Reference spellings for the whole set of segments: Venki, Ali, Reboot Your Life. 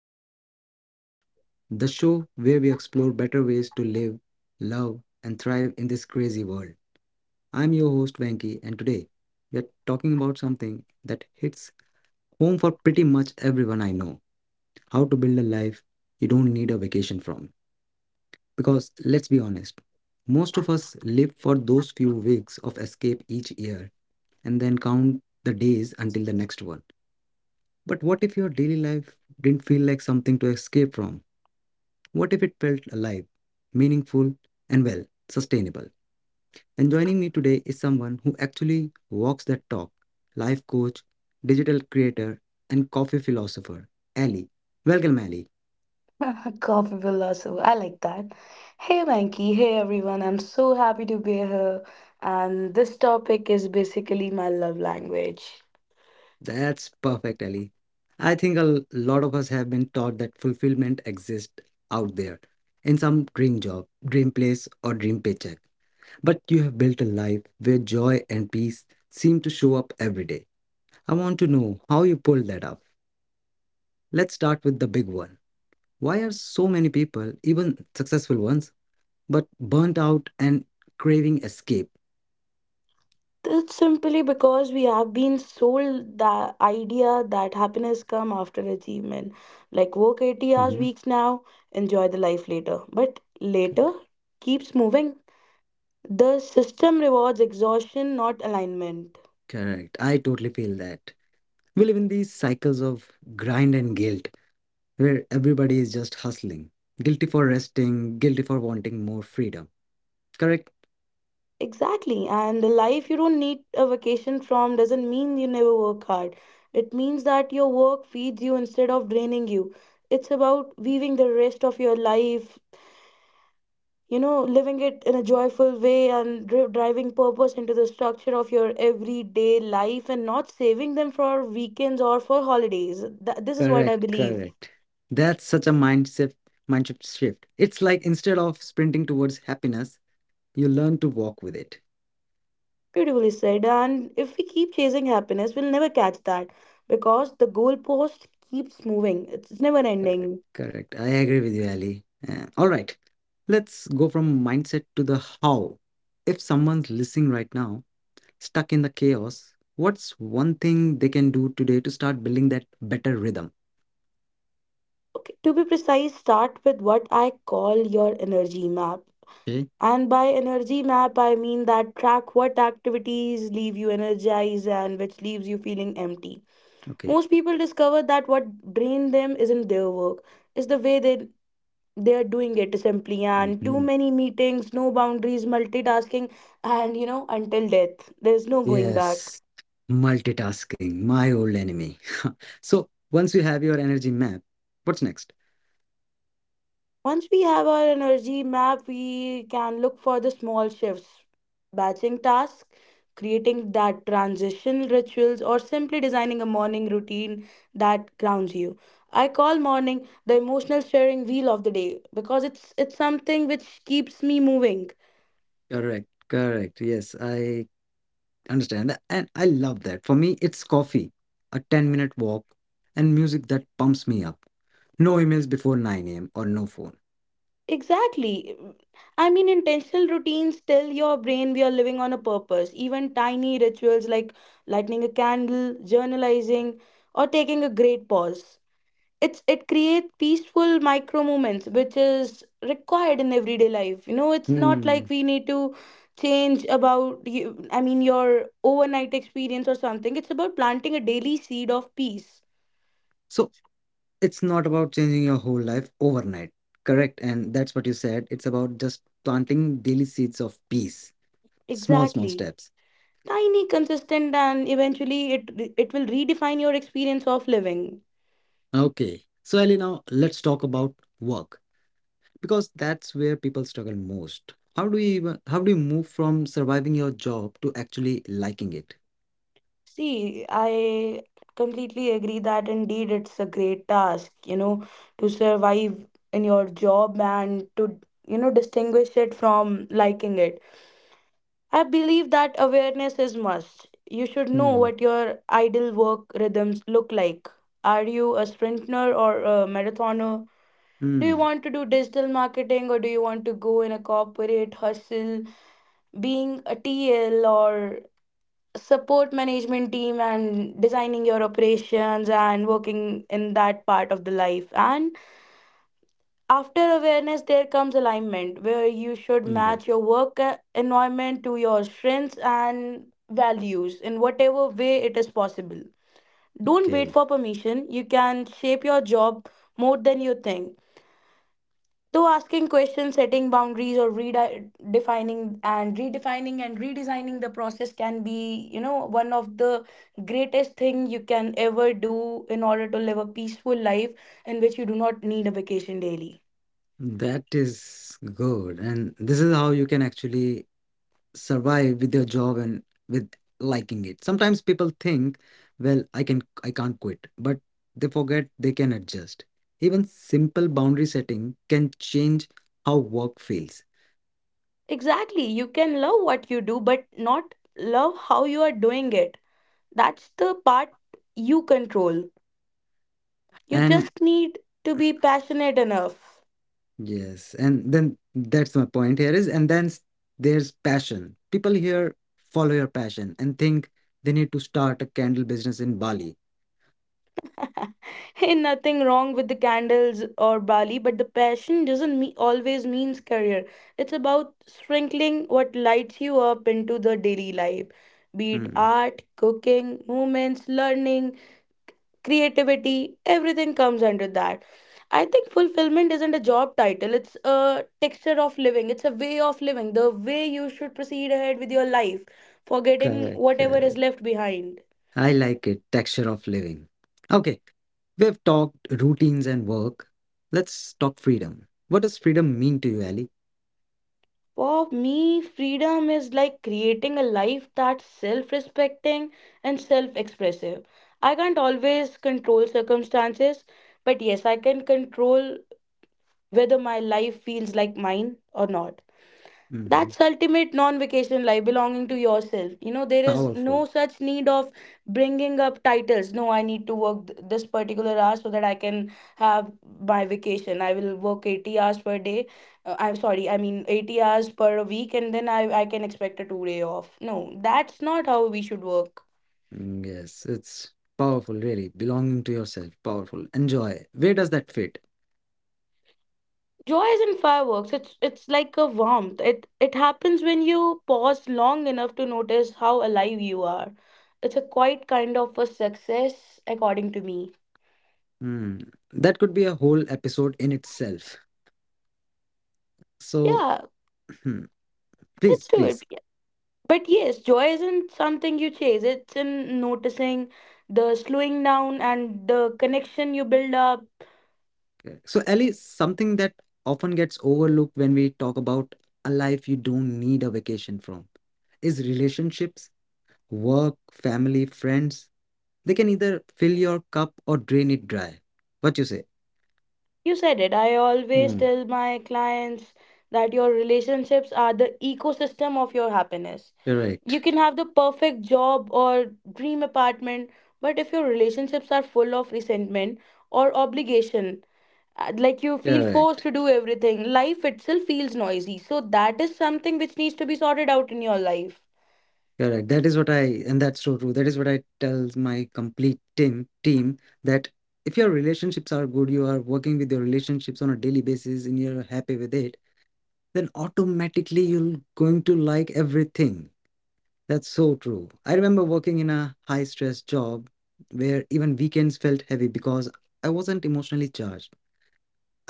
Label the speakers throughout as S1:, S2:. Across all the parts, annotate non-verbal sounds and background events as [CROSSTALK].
S1: to Reboot Your Life, the show where we explore better ways to live, love, and thrive in this crazy world. I'm your host Venki, and today we are talking about something that hits home for pretty much everyone I know. How to build a life you don't need a vacation from. Because let's be honest, most of us live for those few weeks of escape each year and then count the days until the next one. But what if your daily life didn't feel like something to escape from? What if it felt alive, meaningful, and well, sustainable? And joining me today is someone who actually walks that talk, life coach, digital creator, and coffee philosopher, Ali. Welcome, Ali.
S2: [LAUGHS] Coffee philosopher. I like that. Hey Venky, hey everyone. I'm so happy to be here. And this topic is basically my love language.
S1: That's perfect, Ali. I think a lot of us have been taught that fulfillment exists out there in some dream job, dream place, or dream paycheck. But you have built a life where joy and peace seem to show up every day. I want to know how you pulled that off. Let's start with the big one. Why are so many people, even successful ones, but burnt out and craving escape?
S2: It's simply because we have been sold the idea that happiness come after achievement. Like work 80 hours weeks
S1: Mhm.
S2: now, enjoy the life later. But later
S1: Cor-
S2: keeps moving. The system rewards exhaustion, not alignment.
S1: Correct. I totally feel that. We live in these cycles of grind and guilt where everybody is just hustling. Guilty for resting, guilty for wanting more freedom. Correct?
S2: Exactly. And the life you don't need a vacation from doesn't mean you never work hard. It means that your work feeds you instead of draining you. It's about weaving the rest of your life, living it in a joyful way and driving purpose into the structure of your everyday life and not saving them for weekends or for holidays. This is what I
S1: Correct,
S2: believe.
S1: correct. That's such a mindset shift. It's like instead of sprinting towards happiness, you learn to walk with it.
S2: Beautifully said. And if we keep chasing happiness, we'll never catch that because the goalpost keeps moving, it's never ending.
S1: Correct. I agree with you, Ali. All right. Let's go from mindset to the how. If someone's listening right now, stuck in the chaos, what's one thing they can do today to start building that better rhythm?
S2: Okay, to be precise, start with what I call your energy map.
S1: Okay.
S2: And by energy map, I mean that track what activities leave you energized and which leaves you feeling empty. Most
S1: Okay.
S2: people discover that what drains them isn't their work, it's the way they are doing it simply. And too
S1: Mhm.
S2: many meetings, no boundaries, multitasking, and you know, until death. There's no going back.
S1: Yes. Multitasking, my old enemy. [LAUGHS] So once you have your energy map, what's next?
S2: Once we have our energy map, we can look for the small shifts, batching tasks, creating that transition rituals, or simply designing a morning routine that grounds you. I call morning the emotional steering wheel of the day because it's something which keeps me moving.
S1: Correct, correct. Yes, I understand that. And I love that. For me, it's coffee, a 10-minute walk, and music that pumps me up. No emails before 9 a.m. or no phone.
S2: Exactly. I mean, intentional routines tell your brain we are living on a purpose. Even tiny rituals like lighting a candle, journalizing, or taking a great pause it's it creates peaceful micro moments which is required in everyday life. It's not like
S1: Hmm.
S2: we need to change about you. I mean your overnight experience or something. It's about planting a daily seed of peace.
S1: So it's not about changing your whole life overnight. Correct. And that's what you said. It's about just planting daily seeds of peace, small, small
S2: Exactly,
S1: steps.
S2: tiny consistent and eventually it will redefine your experience of living.
S1: Okay. So, Ellie, now let's talk about work, because that's where people struggle most. How do you move from surviving your job to actually liking it?
S2: See, I completely agree that indeed it's a great task, you know, to survive in your job and to, you know, distinguish it from liking it. I believe that awareness is must. You should know what
S1: Hmm.
S2: your ideal work rhythms look like. Are you a sprinter or a marathoner? Do you
S1: Hmm.
S2: want to do digital marketing or do you want to go in a corporate hustle? Being a TL or support management team and designing your operations and working in that part of the life. And after awareness there comes alignment where you should match
S1: Okay.
S2: your work environment to your strengths and values in whatever way it is possible. Don't wait
S1: Okay.
S2: for permission, you can shape your job more than you think. Though asking questions, setting boundaries, or redefining and redesigning the process can be, you know, one of the greatest thing you can ever do in order to live a peaceful life in which you do not need a vacation daily.
S1: That is good, and this is how you can actually survive with your job and with liking it. Sometimes people think, well, I can't quit, but they forget they can adjust. Even simple boundary setting can change how work feels.
S2: Exactly. You can love what you do, but not love how you are doing it. That's the part you control. You just
S1: And
S2: need to be passionate enough.
S1: yes, and then that's my point here is, and then, there's passion. People here follow your passion and think they need to start a candle business in Bali.
S2: [LAUGHS] [LAUGHS] Hey, nothing wrong with the candles or Bali, but the passion doesn't me- always means career. It's about sprinkling what lights you up into the daily life, be it
S1: Hmm. Mhm.
S2: art, cooking, movements, learning, creativity. Everything comes under that. I think fulfillment isn't a job title. It's a texture of living. It's a way of living. The way you should proceed ahead with your life, forgetting
S1: Correct,
S2: whatever is
S1: correct.
S2: left behind.
S1: I like it. Texture of living. Okay, we've talked routines and work. Let's talk freedom. What does freedom mean to you, Ali?
S2: For me, freedom is like creating a life that's self respecting and self expressive. I can't always control circumstances, but yes, I can control whether my life feels like mine or not. That's
S1: Hmm.
S2: ultimate non-vacation life, belonging to yourself. You know, there is no
S1: Powerful.
S2: such need of bringing up titles. No, I need to work this particular hour so that I can have my vacation. I will work 80 hours per day. I'm sorry, I mean 80 hours per week, and then I can expect a 2 day off. No, that's not how we should work.
S1: Mm, yes, it's powerful, really. Belonging to yourself, powerful. Enjoy. Where does that fit?
S2: Joy isn't fireworks. It's like a warmth. It happens when you pause long enough to notice how alive you are. It's a quite kind of a success, according to me.
S1: Hmm, that could be a whole episode in itself. So,
S2: Yeah,
S1: hmm,
S2: let's
S1: please,
S2: do it.
S1: please.
S2: Yeah. But yes, joy isn't something you chase. It's in noticing the slowing down and the connection you build up.
S1: Okay. So, Ellie, something that often gets overlooked when we talk about a life you don't need a vacation from is relationships, work, family, friends. They can either fill your cup or drain it dry. What you say?
S2: You said it. I always
S1: Hmm,
S2: tell my clients that your relationships are the ecosystem of your happiness.
S1: you're
S2: You
S1: right.
S2: can have the perfect job or dream apartment, but if your relationships are full of resentment or obligation, like you feel
S1: You're
S2: forced to
S1: right.
S2: do everything, life itself feels noisy. So, that is something which needs to be sorted out in your life.
S1: Correct. That is what I, and that's so true. That is what I tell my complete team that if your relationships are good, you are working with your relationships on a daily basis and you're happy with it, then automatically you're going to like everything. That's so true. I remember working in a high stress job where even weekends felt heavy because I wasn't emotionally charged.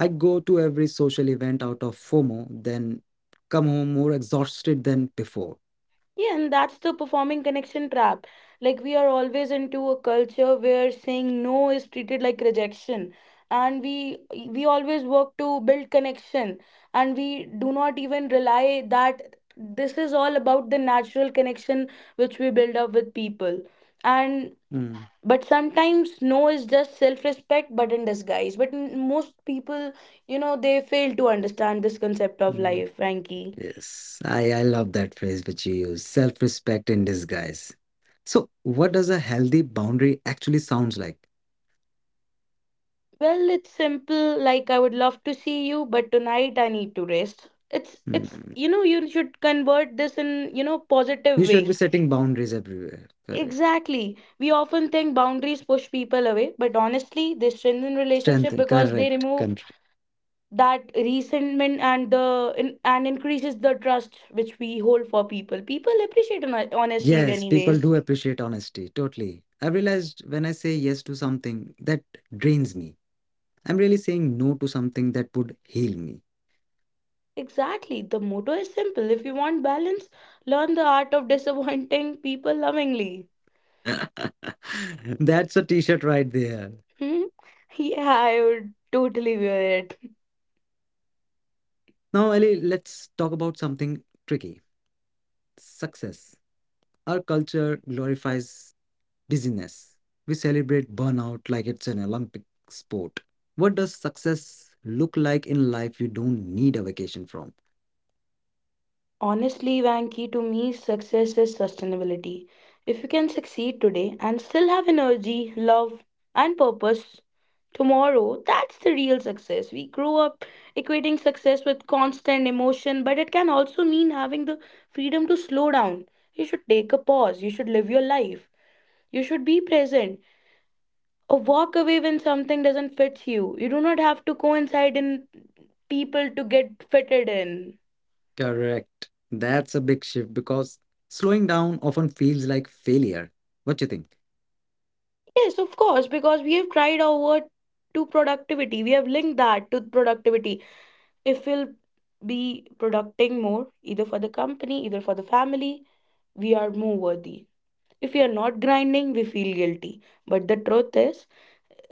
S1: I'd go to every social event out of FOMO, then come home more exhausted than before.
S2: Yeah, and that's the performing connection trap. Like, we are always into a culture where saying no is treated like rejection. And we always work to build connection. And we do not even rely that this is all about the natural connection which we build up with people. And
S1: Mm,
S2: but sometimes no is just self-respect, but in disguise. But most people, you know, they fail to understand this concept of
S1: mm.
S2: life, Frankie.
S1: Yes, I love that phrase which you use, self respect in disguise. So, what does a healthy boundary actually sounds like?
S2: Well, it's simple, like I would love to see you, but tonight I need to rest. It's
S1: Hmm.
S2: You know, you should convert this in, you know, positive
S1: You should
S2: way.
S1: be setting boundaries everywhere. Correct.
S2: Exactly. We often think boundaries push people away, but honestly, they strengthen relationship
S1: Strength,
S2: because they
S1: correct.
S2: remove
S1: Country.
S2: that resentment and increases the trust which we hold for people. People appreciate honesty
S1: Yes, people
S2: anyways.
S1: do appreciate honesty. Totally. I realized when I say yes to something that drains me, I'm really saying no to something that would heal me.
S2: Exactly. The motto is simple. If you want balance, learn the art of disappointing people lovingly.
S1: [LAUGHS] That's a t shirt right there.
S2: Hmm? Yeah, I would totally wear it.
S1: Now, Ali, let's talk about something tricky, success. Our culture glorifies busyness. We celebrate burnout like it's an Olympic sport. What does success look like in life you don't need a vacation from?
S2: Honestly, Vanki, to me, success is sustainability. If you can succeed today and still have energy, love, and purpose tomorrow, that's the real success. We grow up equating success with constant emotion, but it can also mean having the freedom to slow down. You should take a pause, you should live your life, you should be present. Or walk away when something doesn't fit you. You do not have to coincide in people to get fitted in.
S1: Correct. That's a big shift because slowing down often feels like failure. What do you think?
S2: Yes, of course, because we have tried our word to productivity. We have linked that to productivity. If we'll be producting more, either for the company, either for the family, we are more worthy. If we are not grinding, we feel guilty. But the truth is,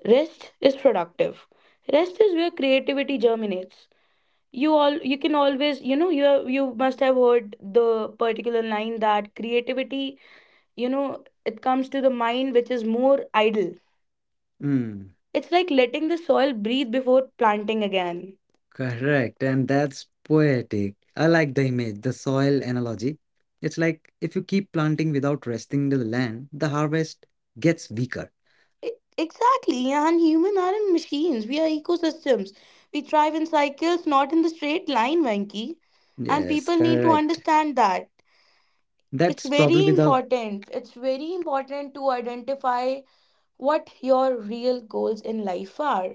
S2: rest is productive. Rest is where creativity germinates. You can always, you know, you have, you must have heard the particular line that creativity, you know, it comes to the mind which is more idle.
S1: Mm,
S2: It's like letting the soil breathe before planting again.
S1: correct. And that's poetic. I like the image, the soil analogy. It's like if you keep planting without resting the land, the harvest gets weaker.
S2: Exactly, and human aren't machines, we are ecosystems. We thrive in cycles, not in the straight line, Venki. And
S1: Yes,
S2: people need to
S1: correct.
S2: understand that it's
S1: That's
S2: very
S1: probably the
S2: important. It's very important to identify what your real goals in life are,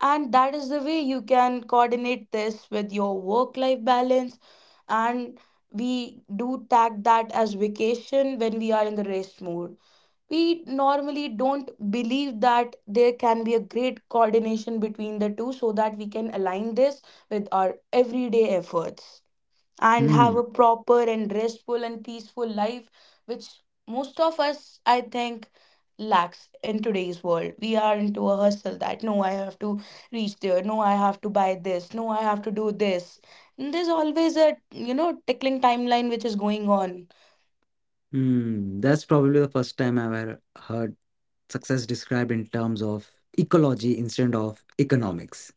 S2: and that is the way you can coordinate this with your work life balance. And we do tag that as vacation when we are in the rest mode. We normally don't believe that there can be a great coordination between the two so that we can align this with our everyday efforts and have
S1: hmm,
S2: a proper and restful and peaceful life, which most of us, I think, lacks in today's world. We are into a hustle that no, I have to reach there, no, I have to buy this, no, I have to do this. And there's always a tickling timeline which is going on.
S1: that's probably the first time I've ever heard success described in terms of ecology instead of economics.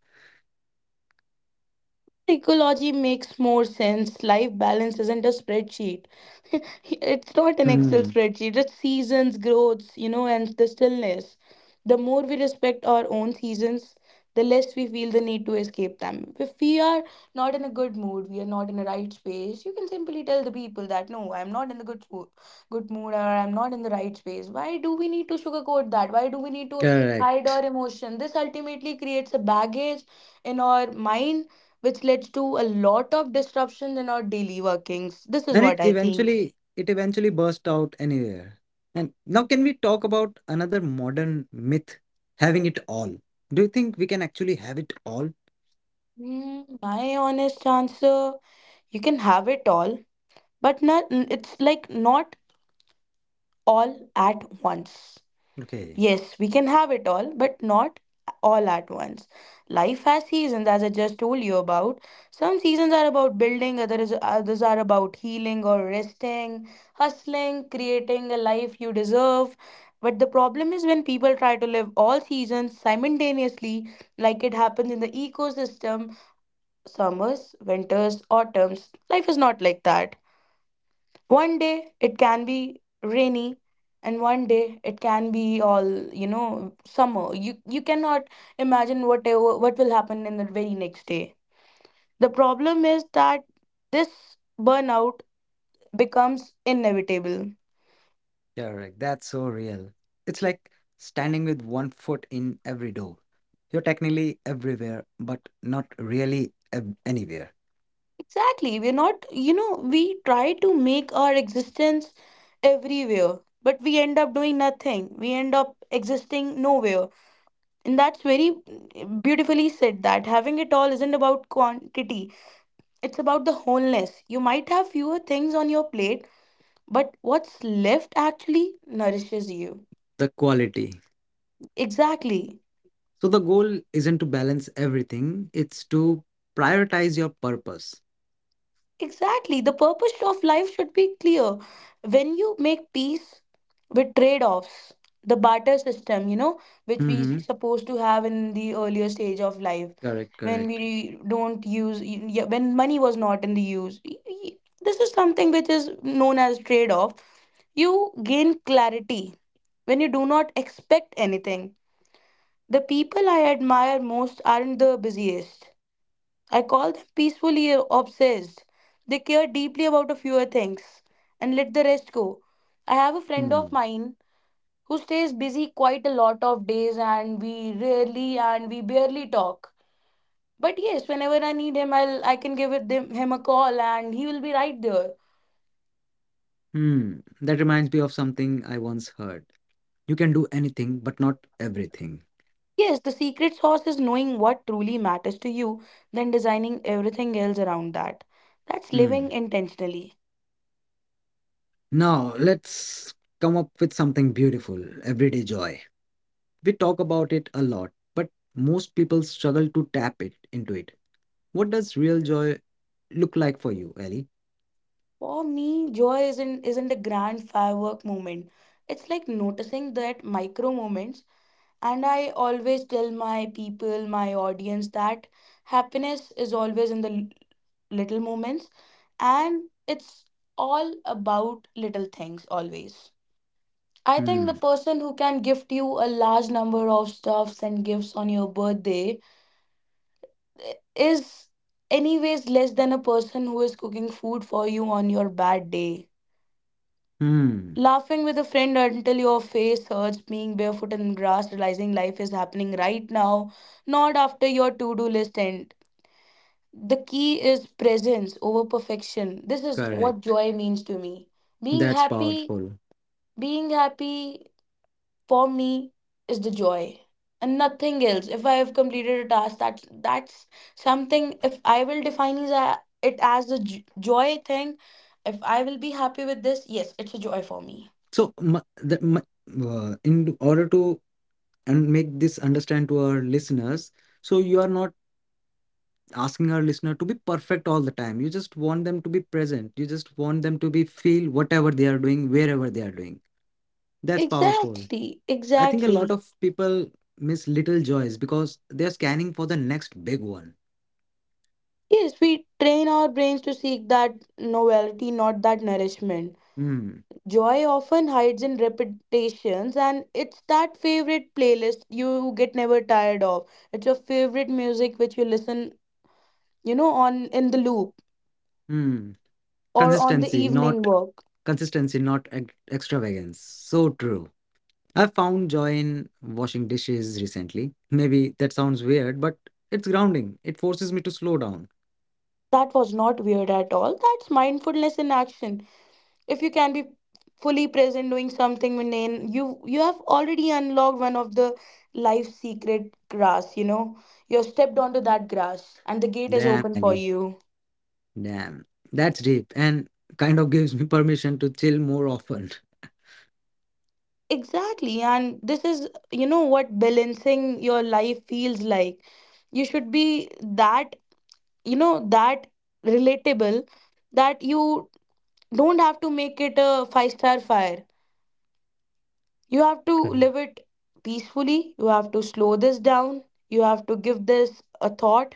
S2: Ecology makes more sense. Life balance isn't a spreadsheet. [LAUGHS] It's not an Excel
S1: Hmm,
S2: spreadsheet. It's seasons, growths, you know, and the stillness. The more we respect our own seasons, the less we feel the need to escape them. If we are not in a good mood, we are not in a right space, you can simply tell the people that no, I'm not in the good mood, or I'm not in the right space. Why do we need to sugarcoat that? Why do we need to hide our
S1: correct.
S2: emotion? This ultimately creates a baggage in our mind which led to a lot of disruption in our daily workings. This is
S1: And
S2: what I think.
S1: it eventually burst out anywhere. And now, can we talk about another modern myth, having it all? Do you think we can actually have it all?
S2: Hmm, my honest answer, you can have it all, but not, it's like not all at once.
S1: Okay,
S2: Yes, we can have it all, but not all at once. Life has seasons, as I just told you about. Some seasons are about building, others are about healing or resting, hustling, creating a life you deserve. But the problem is when people try to live all seasons simultaneously, like it happens in the ecosystem, summers, winters, autumns. Life is not like that. One day it can be rainy and one day it can be all, summer. You cannot imagine whatever what will happen in the very next day. The problem is that this burnout becomes inevitable.
S1: yeah, right, that's so real. It's like standing with one foot in every door. You're technically everywhere but not really anywhere.
S2: Exactly. We're not, we try to make our existence everywhere, but we end up doing nothing. We end up existing nowhere. And that's very beautifully said that having it all isn't about quantity. It's about the wholeness. You might have fewer things on your plate, but what's left actually nourishes you.
S1: The quality.
S2: Exactly.
S1: So the goal isn't to balance everything, it's to prioritize your purpose.
S2: Exactly. The purpose of life should be clear. When you make peace with trade offs, the barter system, which we
S1: Mm-hmm.
S2: supposed to have in the earlier stage of life,
S1: Correct,
S2: when
S1: correct.
S2: we don't use, when money was not in the use. This is something which is known as trade off. You gain clarity when you do not expect anything. The people I admire most aren't the busiest. I call them peacefully obsessed. They care deeply about a few things and let the rest go. I have a friend of
S1: Hmm.
S2: mine who stays busy quite a lot of days and we rarely and we barely talk. But yes, whenever I need him, I can give it him a call and he will be right there.
S1: Hmm, that reminds me of something I once heard. You can do anything, but not everything.
S2: Yes, the secret sauce is knowing what truly matters to you, then designing everything else around that. That's
S1: Hmm.
S2: living intentionally.
S1: Now, let's come up with something beautiful, everyday joy. We talk about it a lot, but most people struggle to tap it into it. What does real joy look like for you, Ellie?
S2: For me, joy isn't a grand firework moment. It's like noticing that micro moments, and I always tell my people, my audience that happiness is always in the little moments, and it's all about little things always. I think the
S1: Hmm.
S2: person who can gift you a large number of stuffs and gifts on your birthday is anyways less than a person who is cooking food for you on your bad day.
S1: Hmm.
S2: Laughing with a friend until your face hurts, being barefoot in grass, realizing life is happening right now, not after your to do list end. The key is presence over perfection. This is what
S1: Correct.
S2: joy means to me. Being
S1: That's
S2: happy,
S1: powerful.
S2: being happy for me is the joy and nothing else. If I have completed a task, that's something. If I will define it as the joy thing, if I will be happy with this, yes, it's a joy for me.
S1: So, m- the, m- in order to and make this understand to our listeners, so you are not asking our listener to be perfect all the time. You just want them to be present. You just want them to be feel whatever they are doing, wherever they are doing. That's powerful.
S2: Exactly,
S1: I think a lot
S2: exactly.
S1: of people miss little joys because they're scanning for the next big one.
S2: Yes, we train our brains to seek that novelty, not that nourishment.
S1: Hmm.
S2: Joy often hides in repetitions, and it's that favorite playlist you get never tired of. It's your favorite music which you listen, on in the loop
S1: Hmm.
S2: or on the
S1: Consistency, not
S2: evening work.
S1: Consistency, not extravagance. So true. I found joy in washing dishes recently. Maybe that sounds weird, but it's grounding. It forces me to slow down.
S2: That was not weird at all. That's mindfulness in action. If you can be fully present doing something mundane, you have already unlocked one of the life secret grass, you know. You have stepped onto that grass and the gate is
S1: Damn,
S2: open for
S1: Ali.
S2: you.
S1: Damn, that's deep and kind of gives me permission to chill more often.
S2: Exactly. And this is, what balancing your life feels like. You should be that, that relatable, that you don't have to make it a five-star fire. You have to
S1: Correct.
S2: live it peacefully. You have to slow this down. You have to give this a thought.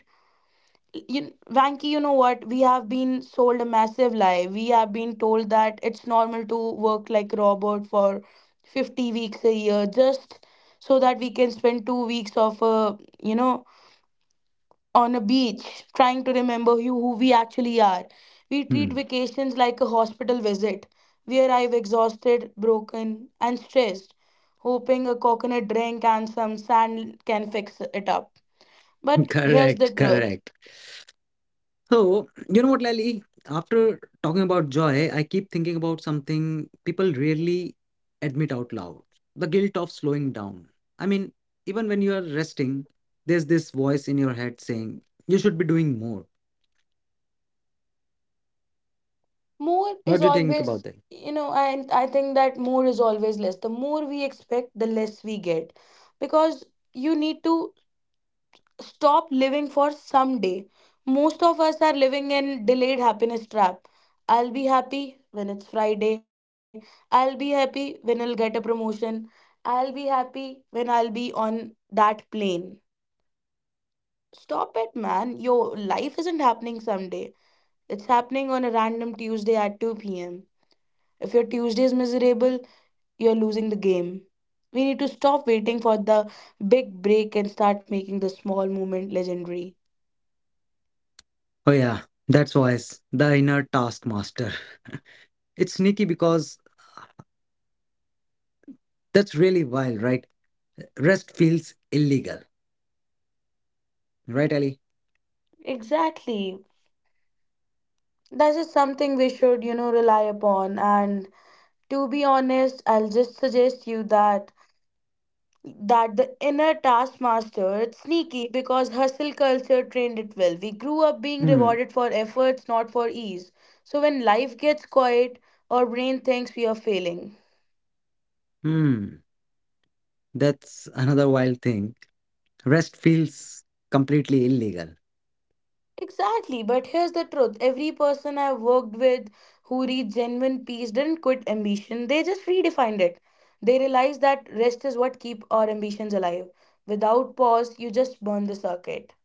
S2: You, Vanki, you know what? We have been sold a massive lie. We have been told that it's normal to work like Robert for 50 weeks a year just so that we can spend 2 weeks of a, you know, on a beach trying to remember who we actually are. We treat
S1: Hmm.
S2: vacations like a hospital visit. We arrive exhausted, broken, and stressed, hoping a coconut drink and some sand can fix it up. But
S1: [LAUGHS]
S2: here's the
S1: Correct,
S2: truth,
S1: correct. So, you know what, Lally? After talking about joy, I keep thinking about something people rarely admit out loud, the guilt of slowing down. I mean, even when you are resting, there's this voice in your head saying, you should be doing more.
S2: more is
S1: What do you think
S2: always.
S1: about that?
S2: I think that more is always less. The more we expect, the less we get, because you need to stop living for someday. Most of us are living in delayed happiness trap. I'll be happy when it's Friday. I'll be happy when I'll get a promotion. I'll be happy when I'll be on that plane. Stop it, man. Your life isn't happening someday. It's happening on a random Tuesday at 2 p.m. If your Tuesday is miserable, you're losing the game. We need to stop waiting for the big break and start making the small moment legendary.
S1: Oh, yeah, that's voice, the inner taskmaster. [LAUGHS] It's sneaky because that's really wild, right? Rest feels illegal, right, Ali?
S2: Exactly. That is something we should, rely upon. And to be honest, I'll just suggest you that the inner taskmaster, it's sneaky because hustle culture trained it well. We grew up being
S1: Hmm.
S2: rewarded for efforts, not for ease. So when life gets quiet, our brain thinks we are failing.
S1: Hmm. That's another wild thing. Rest feels completely illegal.
S2: Exactly, but here's the truth. Every person I've worked with who reached genuine peace didn't quit ambition, they just redefined it. They realized that rest is what keep our ambitions alive. Without pause, you just burn the circuit.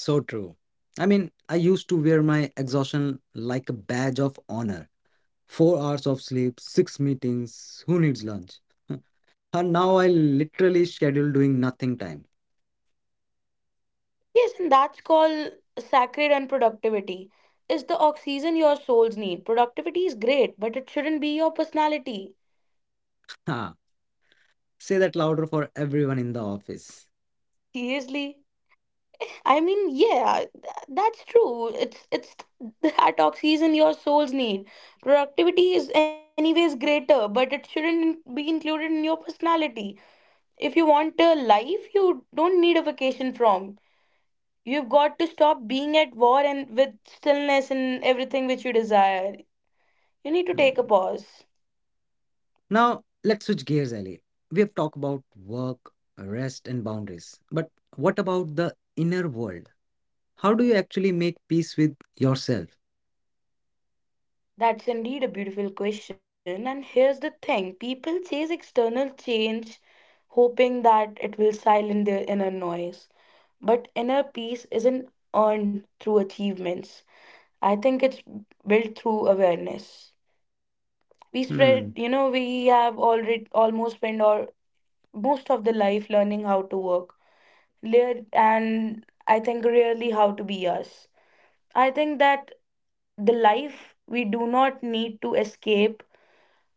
S1: So true. I mean, I used to wear my exhaustion like a badge of honor. 4 hours of sleep, six meetings, who needs lunch? [LAUGHS] And now I literally schedule doing nothing time.
S2: Yes, and that's called sacred unproductivity. Productivity. It's the oxygen your souls need. Productivity is great, but it shouldn't be your personality.
S1: Ha. Say that louder for everyone in the office.
S2: Seriously. I mean, yeah, that's true. It's the [LAUGHS] oxygen your souls need. Productivity is anyways greater, but it shouldn't be included in your personality. If you want a life, you don't need a vacation from. You've got to stop being at war and with stillness and everything which you desire. You need to take
S1: Hmm.
S2: a pause.
S1: Now, let's switch gears, Ali. We have talked about work, rest, and boundaries. But what about the inner world? How do you actually make peace with yourself?
S2: That's indeed a beautiful question. And here's the thing, people chase external change, hoping that it will silence their inner noise. But inner peace isn't earned through achievements, I think it's built through awareness. We
S1: Hmm.
S2: spread, we have already almost spent our most of the life learning how to work, and I think really how to be us. I think that the life we do not need to escape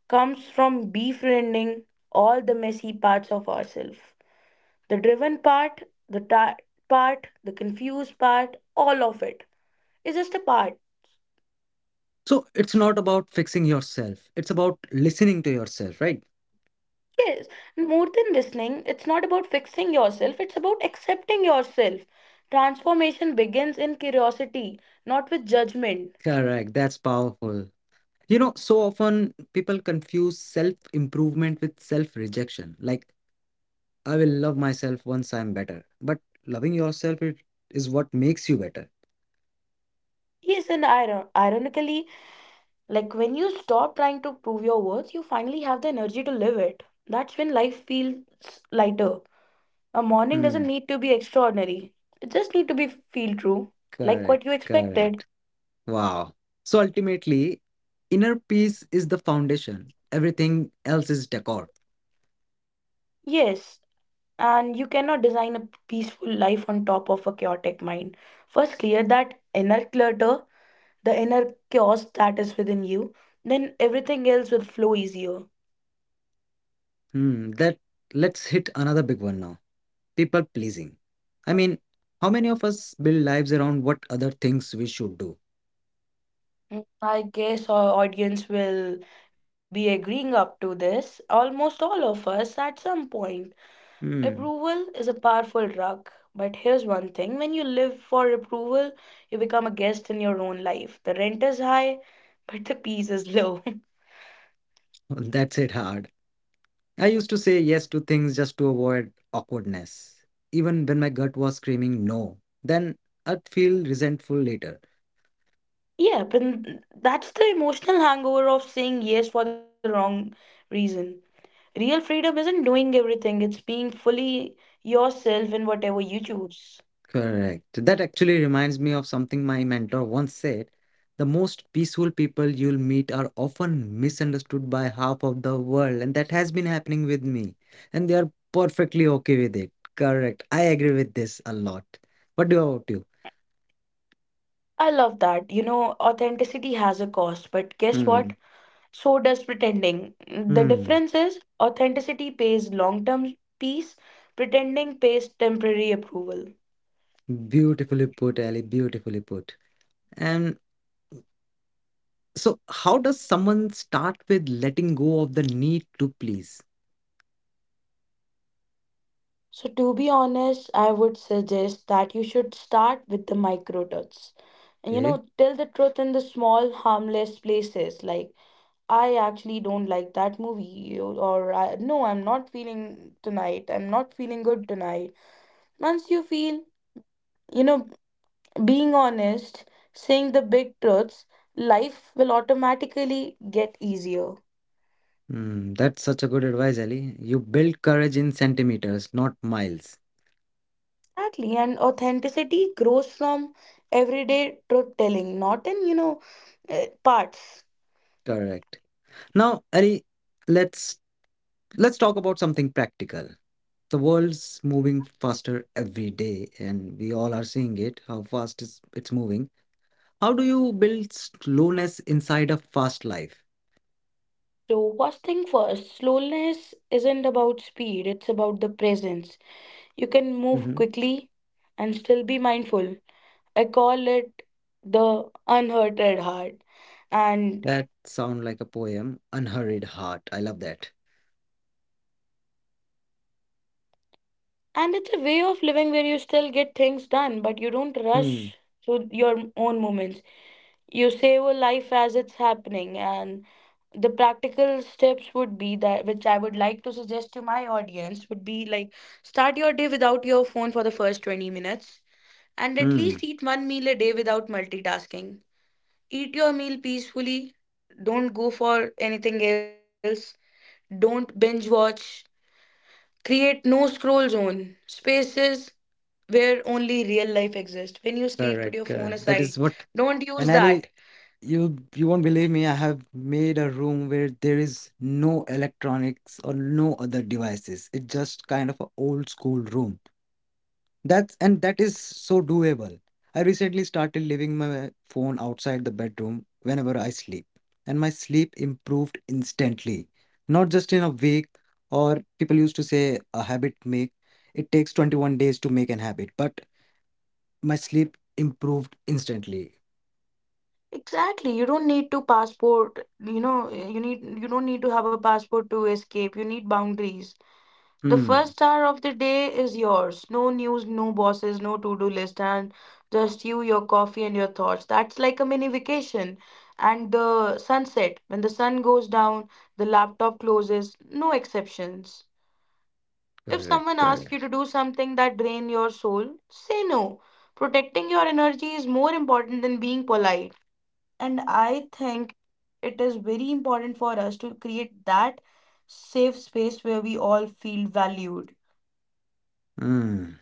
S2: comes from befriending all the messy parts of ourselves, the driven part, the tired part, the confused part, all of it is just a part.
S1: So, it's not about fixing yourself, it's about listening to yourself, right?
S2: Yes, and more than listening, it's not about fixing yourself, it's about accepting yourself. Transformation begins in curiosity, not with judgment.
S1: Correct. That's powerful. You know, so often people confuse self improvement with self rejection. Like, I will love myself once I'm better. But loving yourself it is what makes you better.
S2: Yes, and ironically, like when you stop trying to prove your worth, you finally have the energy to live it. That's when life feels lighter. A morning
S1: Hmm.
S2: doesn't need to be extraordinary. It just need to be feel true, like
S1: Correct.
S2: what you
S1: Correct.
S2: expected.
S1: Wow. So ultimately, inner peace is the foundation. Everything else is decor.
S2: Yes, and you cannot design a peaceful life on top of a chaotic mind. First clear that inner clutter, the inner chaos that is within you, then everything else will flow easier.
S1: Hmm. That, let's hit another big one now. People pleasing. I mean, how many of us build lives around what other things we should do?
S2: Mm, I guess our audience will be agreeing up to this, almost all of us at some point.
S1: Hmm.
S2: Approval is a powerful drug, but here's one thing, when you live for approval, you become a guest in your own life. The rent is high, but the peace is low. [LAUGHS]
S1: [LAUGHS] That's it hard. I used to say yes to things just to avoid awkwardness, even when my gut was screaming no. Then I'd feel resentful later.
S2: Yeah, but that's the emotional hangover of saying yes for the wrong reason. Real freedom isn't doing everything, it's being fully yourself in whatever you choose.
S1: Correct. That actually reminds me of something my mentor once said. The most peaceful people you'll meet are often misunderstood by half of the world, and that has been happening with me. And they are perfectly okay with it. Correct. I agree with this a lot. What do about you?
S2: I love that. You know, authenticity has a cost, but guess
S1: Hmm.
S2: what? So does pretending. The
S1: Hmm.
S2: difference is authenticity pays long term peace, pretending pays temporary approval.
S1: Beautifully put, Ali. Beautifully put. And so, how does someone start with letting go of the need to please?
S2: So, to be honest, I would suggest that you should start with the micro touch. And you
S1: Okay.
S2: know, tell the truth in the small, harmless places, like, I actually don't like that movie, or I, no, I'm not feeling tonight, I'm not feeling good tonight. Once you feel, you know, being honest, saying the big truths, life will automatically get easier.
S1: Hmm, that's such a good advice, Ali. You build courage in centimeters, not miles.
S2: Exactly, and authenticity grows from everyday truth telling, not in, parts.
S1: Correct. Now, Ali, let's let's talk about something practical. The world's moving faster every day, and we all are seeing it, how fast is it's moving. How do you build slowness inside a fast life?
S2: So, first thing first, slowness isn't about speed, it's about the presence. You can move
S1: Hmm.
S2: quickly and still be mindful. I call it the unhurted heart. And.
S1: That sound like a poem. Unhurried heart. I love that.
S2: And it's a way of living where you still get things done, but you don't
S1: Hmm.
S2: rush through your own moments. You savor life as it's happening. And the practical steps would be that, which I would like to suggest to my audience, would be like, start your day without your phone for the first 20 minutes and at
S1: Hmm.
S2: least eat one meal a day without multitasking. Eat your meal peacefully. Don't go for anything else. Don't binge watch. Create no scroll zone, spaces where only real life exists. When you sleep, put
S1: Correct,
S2: your phone
S1: correct. That is
S2: aside.
S1: what.
S2: Don't
S1: And
S2: use that.
S1: Ali, you won't believe me. I have made a room where there is no electronics or no other devices. It's just kind of an old school room. That's and that is so doable. I recently started leaving my phone outside the bedroom whenever I sleep, and my sleep improved instantly. Not just in a week, or people used to say a habit make. It takes 21 days to make an habit, but my sleep improved instantly.
S2: Exactly. You don't need to passport. You don't need to have a passport to escape. You need boundaries. The
S1: Hmm.
S2: first hour of the day is yours. No news, no bosses, no to-do list, and just you, your coffee, and your thoughts. That's like a mini vacation. And the sunset, when the sun goes down, the laptop closes, no exceptions. If
S1: Correct,
S2: someone asks you
S1: correct.
S2: to do something that drain your soul, say no. Protecting your energy is more important than being polite. And I think it is very important for us to create that safe space where we all feel valued.
S1: Hmm.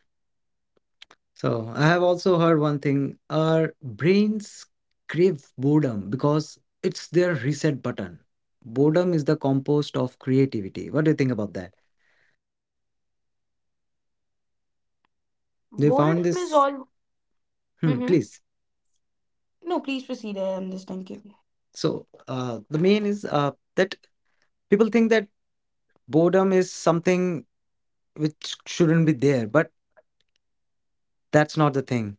S1: So I have also heard one thing. Our brains crave boredom because it's their reset button. Boredom is the compost of creativity. What do you think about that? They
S2: Boredom
S1: found
S2: is
S1: this.
S2: all.
S1: Hmm,
S2: Hmm.
S1: please.
S2: No, please proceed. I am listening. Thank you.
S1: So the main is that people think that boredom is something which shouldn't be there, but that's not the thing.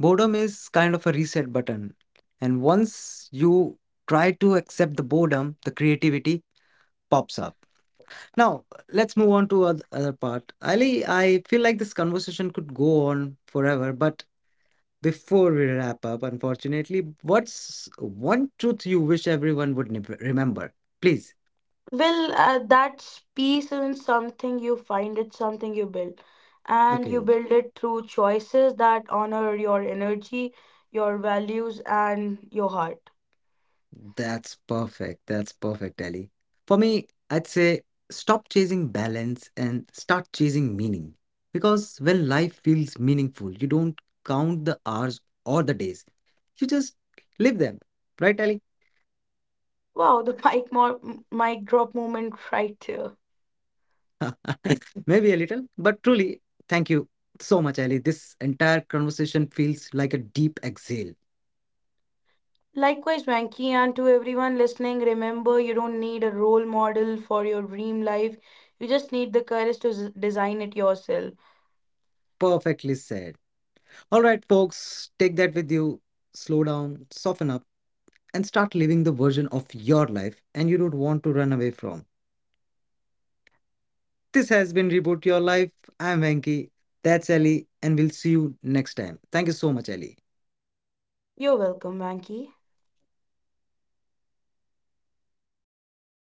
S1: Boredom is kind of a reset button, and once you try to accept the boredom, the creativity pops up. Now, let's move on to other part. Ali, I feel like this conversation could go on forever, but before we wrap up, unfortunately, what's one truth you wish everyone would remember? Please.
S2: Well, that's peace isn't something you find, it's something you build. And you
S1: Okay,
S2: build it through choices that honor your energy, your values, and your heart.
S1: that's perfect. That's perfect, Ali. For me, I'd say stop chasing balance and start chasing meaning. Because when life feels meaningful, you don't count the hours or the days. You just live them. Right, Ali?
S2: Wow, the [LAUGHS] mic drop moment right there.
S1: [LAUGHS] Maybe a little, but truly, thank you so much, Ali. This entire conversation feels like a deep exhale.
S2: Likewise, Venky, and to everyone listening, remember you don't need a role model for your dream life. You just need the courage to design it yourself.
S1: Perfectly said. All right, folks, take that with you. Slow down, soften up, and start living the version of your life and you don't want to run away from. This has been Reboot Your Life. I'm Venki. That's Ali, and we'll see you next time. Thank you so much, Ali.
S2: You're welcome, Venky.